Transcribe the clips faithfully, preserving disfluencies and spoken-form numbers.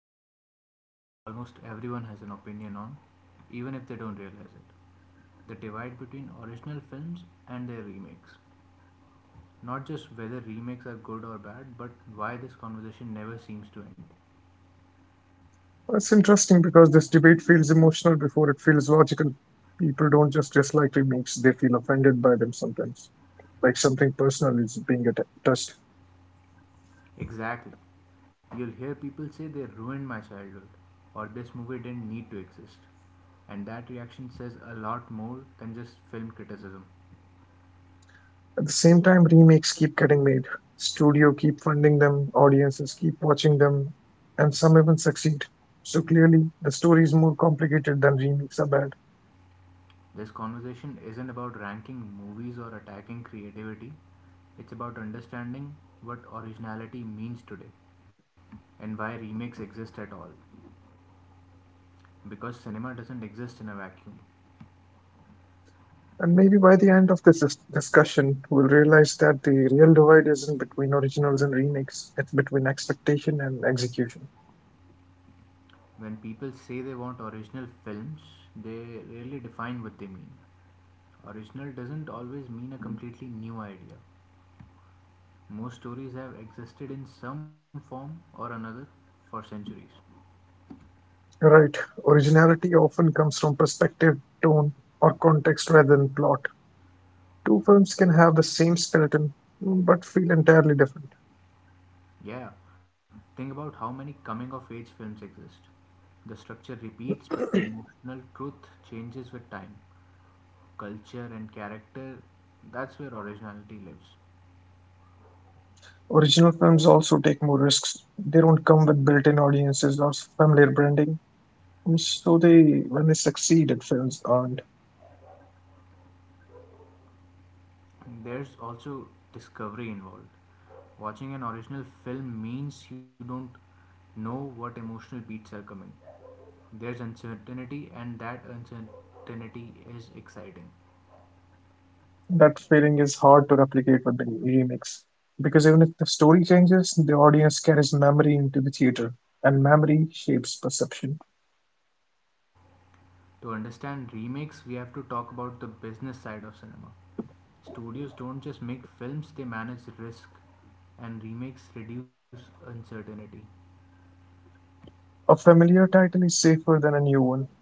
talking about something almost everyone has an opinion on, even if they don't realize it. The divide between original films and their remakes. Not just whether remakes are good or bad, but why this conversation never seems to end. It's interesting because this debate feels emotional before it feels logical. People don't just dislike remakes, they feel offended by them sometimes, like something personal is being atta- touched. Exactly. You'll hear people say they ruined my childhood, or this movie didn't need to exist. And that reaction says a lot more than just film criticism. At the same time, remakes keep getting made. Studio keep funding them, audiences keep watching them, and some even succeed. So clearly, the story is more complicated than remakes are bad. This conversation isn't about ranking movies or attacking creativity. It's about understanding what originality means today and why remakes exist at all. Because cinema doesn't exist in a vacuum. And maybe by the end of this dis- discussion, we'll realize that the real divide isn't between originals and remakes, it's between expectation and execution. When people say they want original films, they rarely define what they mean. Original doesn't always mean a completely new idea. Most stories have existed in some form or another for centuries. Right. Originality often comes from perspective, tone, or context rather than plot. Two films can have the same skeleton mm, but feel entirely different. Yeah, think about how many coming of age films exist. The structure repeats, but the emotional truth changes with time. Culture and character, that's where originality lives. Original films also take more risks. They don't come with built-in audiences or familiar branding, mm, so they when they succeed, it feels earned. There's also discovery involved. Watching an original film means you don't know what emotional beats are coming. There's uncertainty, and that uncertainty is exciting. That feeling is hard to replicate with the remakes because even if the story changes, the audience carries memory into the theater, and memory shapes perception. To understand remakes, we have to talk about the business side of cinema. Studios don't just make films, they manage risk, and remakes reduce uncertainty. A familiar title is safer than a new one.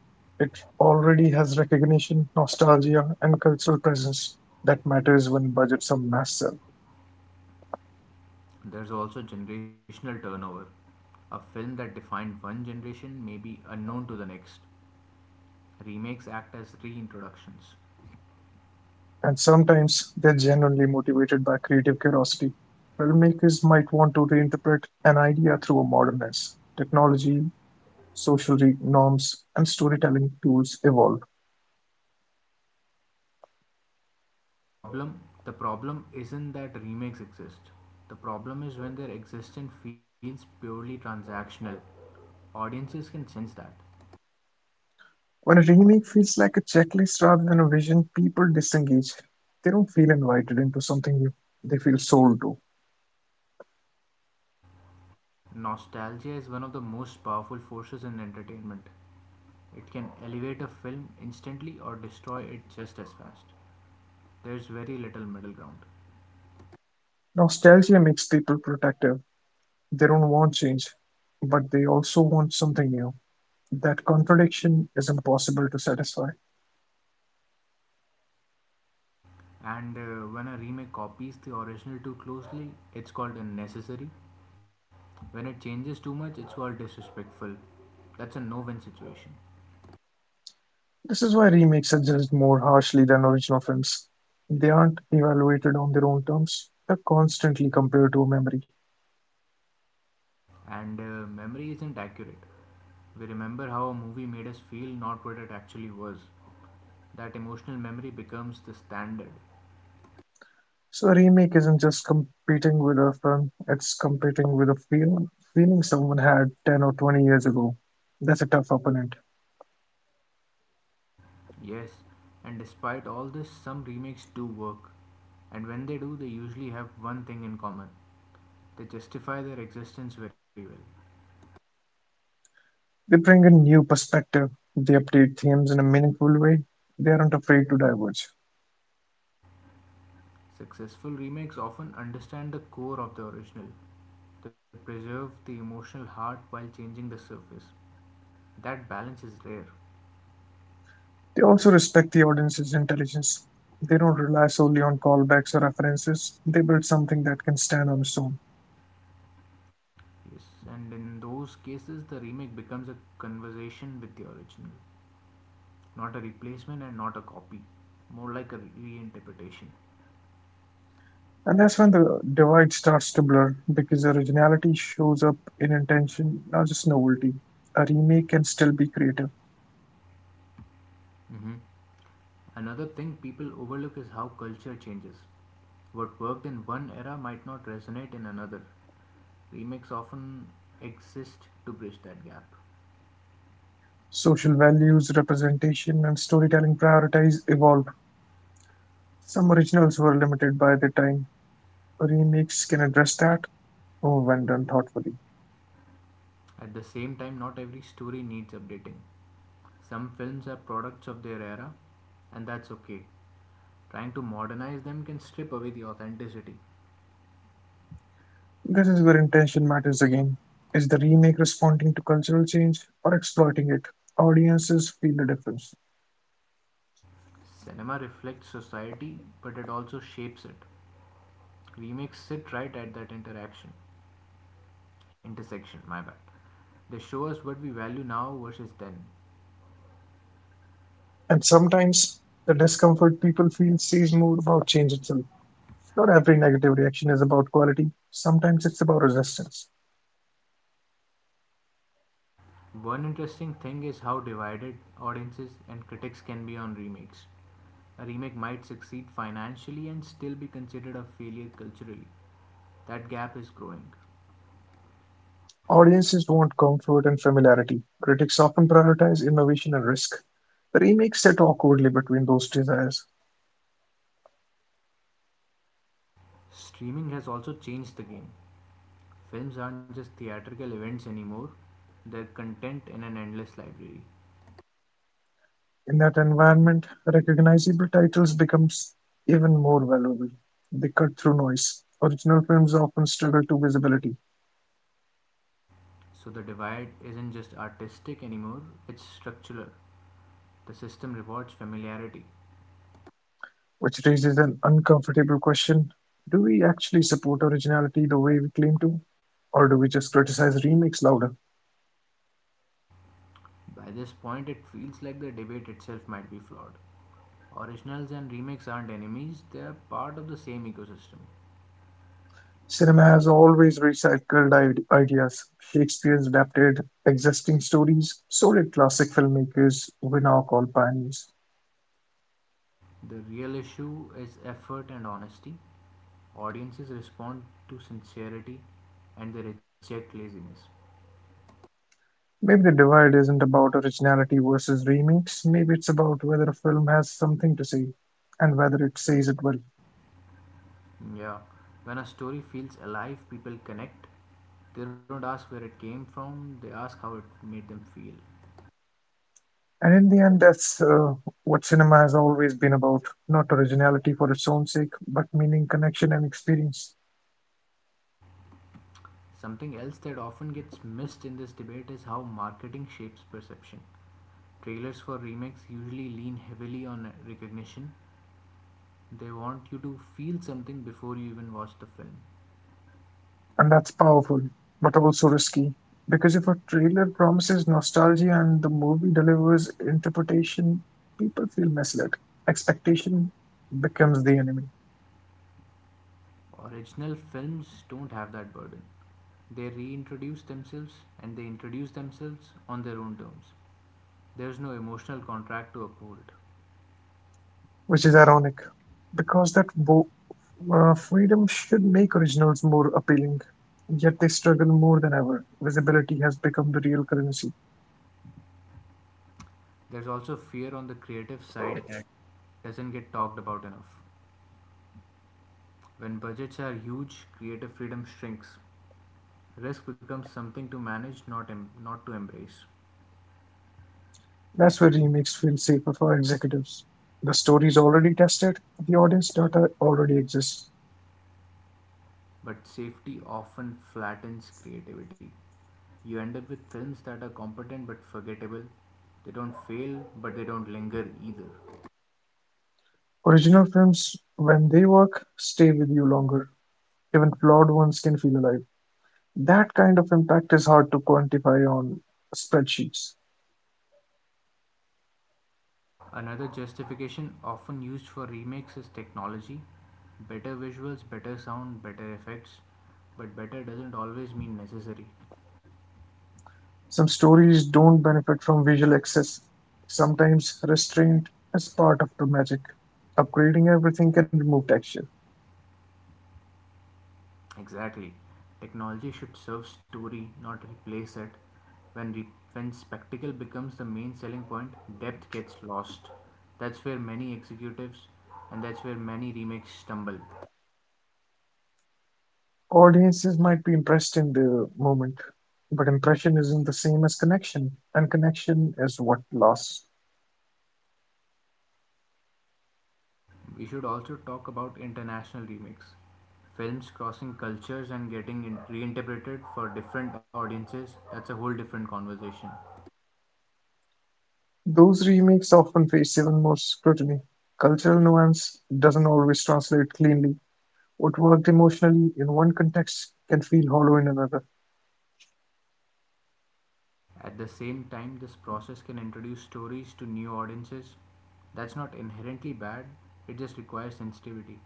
It already has recognition, nostalgia, and cultural presence that matters when budgets are massive. There's also generational turnover. A film that defined one generation may be unknown to the next. Remakes act as reintroductions. And sometimes they're genuinely motivated by creative curiosity. Filmmakers might want to reinterpret an idea through a modern lens. Technology, social re- norms, and storytelling tools evolve. The Problem the problem isn't that remakes exist. The problem is when their existence feels purely transactional. Audiences can sense that. When a remake feels like a checklist rather than a vision, people disengage. They don't feel invited into something new, they feel sold to. Nostalgia is one of the most powerful forces in entertainment. It can elevate a film instantly or destroy it just as fast. There's very little middle ground. Nostalgia makes people protective. They don't want change, but they also want something new. That contradiction is impossible to satisfy. And uh, When a remake copies the original too closely, it's called unnecessary. When it changes too much, it's called disrespectful. That's a no win situation. This is why remakes are judged more harshly than original films. They aren't evaluated on their own terms, they're constantly compared to a memory. And uh, Memory isn't accurate. We remember how a movie made us feel, not what it actually was. That emotional memory becomes the standard. So a remake isn't just competing with a film, it's competing with a feel, feeling someone had ten or twenty years ago. That's a tough opponent. Yes, and despite all this, some remakes do work. And when they do, they usually have one thing in common they justify their existence very well. They bring a new perspective, they update themes in a meaningful way, they aren't afraid to diverge. Successful remakes often understand the core of the original, they preserve the emotional heart while changing the surface. That balance is rare. They also respect the audience's intelligence. They don't rely solely on callbacks or references, they build something that can stand on its own. Yes, and in those cases, the remake becomes a conversation with the original, not a replacement and not a copy, more like a reinterpretation. And that's when the divide starts to blur, because originality shows up in intention, not just novelty. A remake can still be creative. Mm-hmm. Another thing people overlook is how culture changes. What worked in one era might not resonate in another. Remakes often exist to bridge that gap. Social values, representation, and storytelling priorities evolve. Some originals were limited by their time. Remakes can address that. Oh, when done thoughtfully. At the same time, not every story needs updating. Some films are products of their era, and that's okay. Trying to modernize them can strip away the authenticity. This is where intention matters again. Is the remake responding to cultural change or exploiting it? Audiences feel the difference. Cinema reflects society, but it also shapes it. Remakes sit right at that interaction, intersection, my bad. They show us what we value now versus then. And sometimes the discomfort people feel says more about change itself. Not every negative reaction is about quality, sometimes it's about resistance. One interesting thing is how divided audiences and critics can be on remakes. A remake might succeed financially and still be considered a failure culturally. That gap is growing. Audiences want comfort and familiarity. Critics often prioritize innovation and risk. The remake sit awkwardly between those desires. Streaming has also changed the game. Films aren't just theatrical events anymore, they're content in an endless library. In that environment, recognizable titles become even more valuable. They cut through noise. Original films often struggle to visibility, So the divide isn't just artistic anymore, it's structural. The system rewards familiarity. which raises an uncomfortable question. Do we actually support originality the way we claim to? Or do we just criticize remakes louder? By this point, it feels like the debate itself might be flawed. Originals and remakes aren't enemies, they are part of the same ecosystem. Cinema has always recycled ide- ideas. Shakespeare's adapted existing stories, so did classic filmmakers we now call pioneers. The real issue is effort and honesty. Audiences respond to sincerity and they reject laziness. Maybe the divide isn't about originality versus remakes. Maybe it's about whether a film has something to say and whether it says it well. Yeah, when a story feels alive, people connect. They don't ask where it came from, they ask how it made them feel. And in the end, that's uh, what cinema has always been about, not originality for its own sake, but meaning, connection, and experience. Something else that often gets missed in this debate is how marketing shapes perception. Trailers for remakes usually lean heavily on recognition. They want you to feel something before you even watch the film. And that's powerful, but also risky. Because if a trailer promises nostalgia and the movie delivers interpretation, people feel misled. Expectation becomes the enemy. Original films don't have that burden. They reintroduce themselves and they introduce themselves on their own terms. There's no emotional contract to uphold. Which is ironic, because that bo uh, freedom should make originals more appealing. Yet they struggle more than ever. Visibility has become the real currency. There's also fear on the creative side that doesn't get talked about enough. When budgets are huge, creative freedom shrinks. Risk becomes something to manage, not, em- not to embrace. That's where remakes feel safer for executives. The story is already tested, the audience data already exists. But safety often flattens creativity. You end up with films that are competent but forgettable. They don't fail, but they don't linger either. Original films, when they work, stay with you longer. Even flawed ones can feel alive. That kind of impact is hard to quantify on spreadsheets. Another justification often used for remakes is technology. Better visuals, better sound, better effects, but better doesn't always mean necessary. Some stories don't benefit from visual access. Sometimes restraint is part of the magic. Upgrading everything can remove texture. Exactly. Technology should serve story, not replace it. When, re- when spectacle becomes the main selling point, depth gets lost. That's where many executives and that's where many remakes stumble. Audiences might be impressed in the moment, but impression isn't the same as connection, and connection is what lasts. We should also talk about international remakes. Films crossing cultures and getting in- reinterpreted for different audiences, that's a whole different conversation. Those remakes often face even more scrutiny. Cultural nuance doesn't always translate cleanly. What worked emotionally in one context can feel hollow in another. At the same time, this process can introduce stories to new audiences. That's not inherently bad, it just requires sensitivity.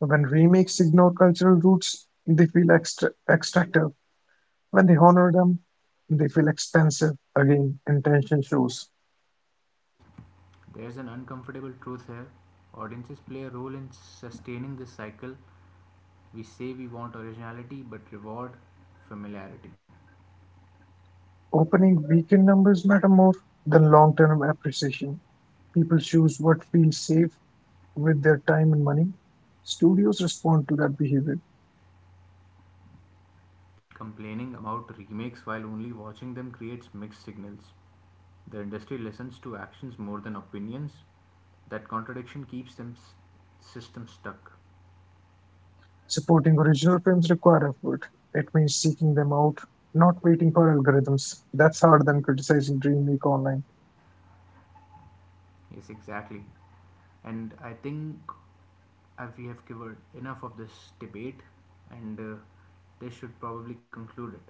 When remakes ignore cultural roots, they feel extra- extractive. When they honor them, they feel expensive. Again, intention shows. There's an uncomfortable truth here. Audiences play a role in sustaining this cycle. We say we want originality but reward familiarity. Opening weekend numbers matter more than long term appreciation. People choose what feels safe with their time and money. Studios respond to that behavior. Complaining about remakes while only watching them creates mixed signals. The industry listens to actions more than opinions. That contradiction keeps them s- system stuck. Supporting original films require effort. It means seeking them out, not waiting for algorithms. That's harder than criticizing Dreamweek online. Yes, exactly. And I think uh, we have covered enough of this debate, and uh, they should probably conclude it.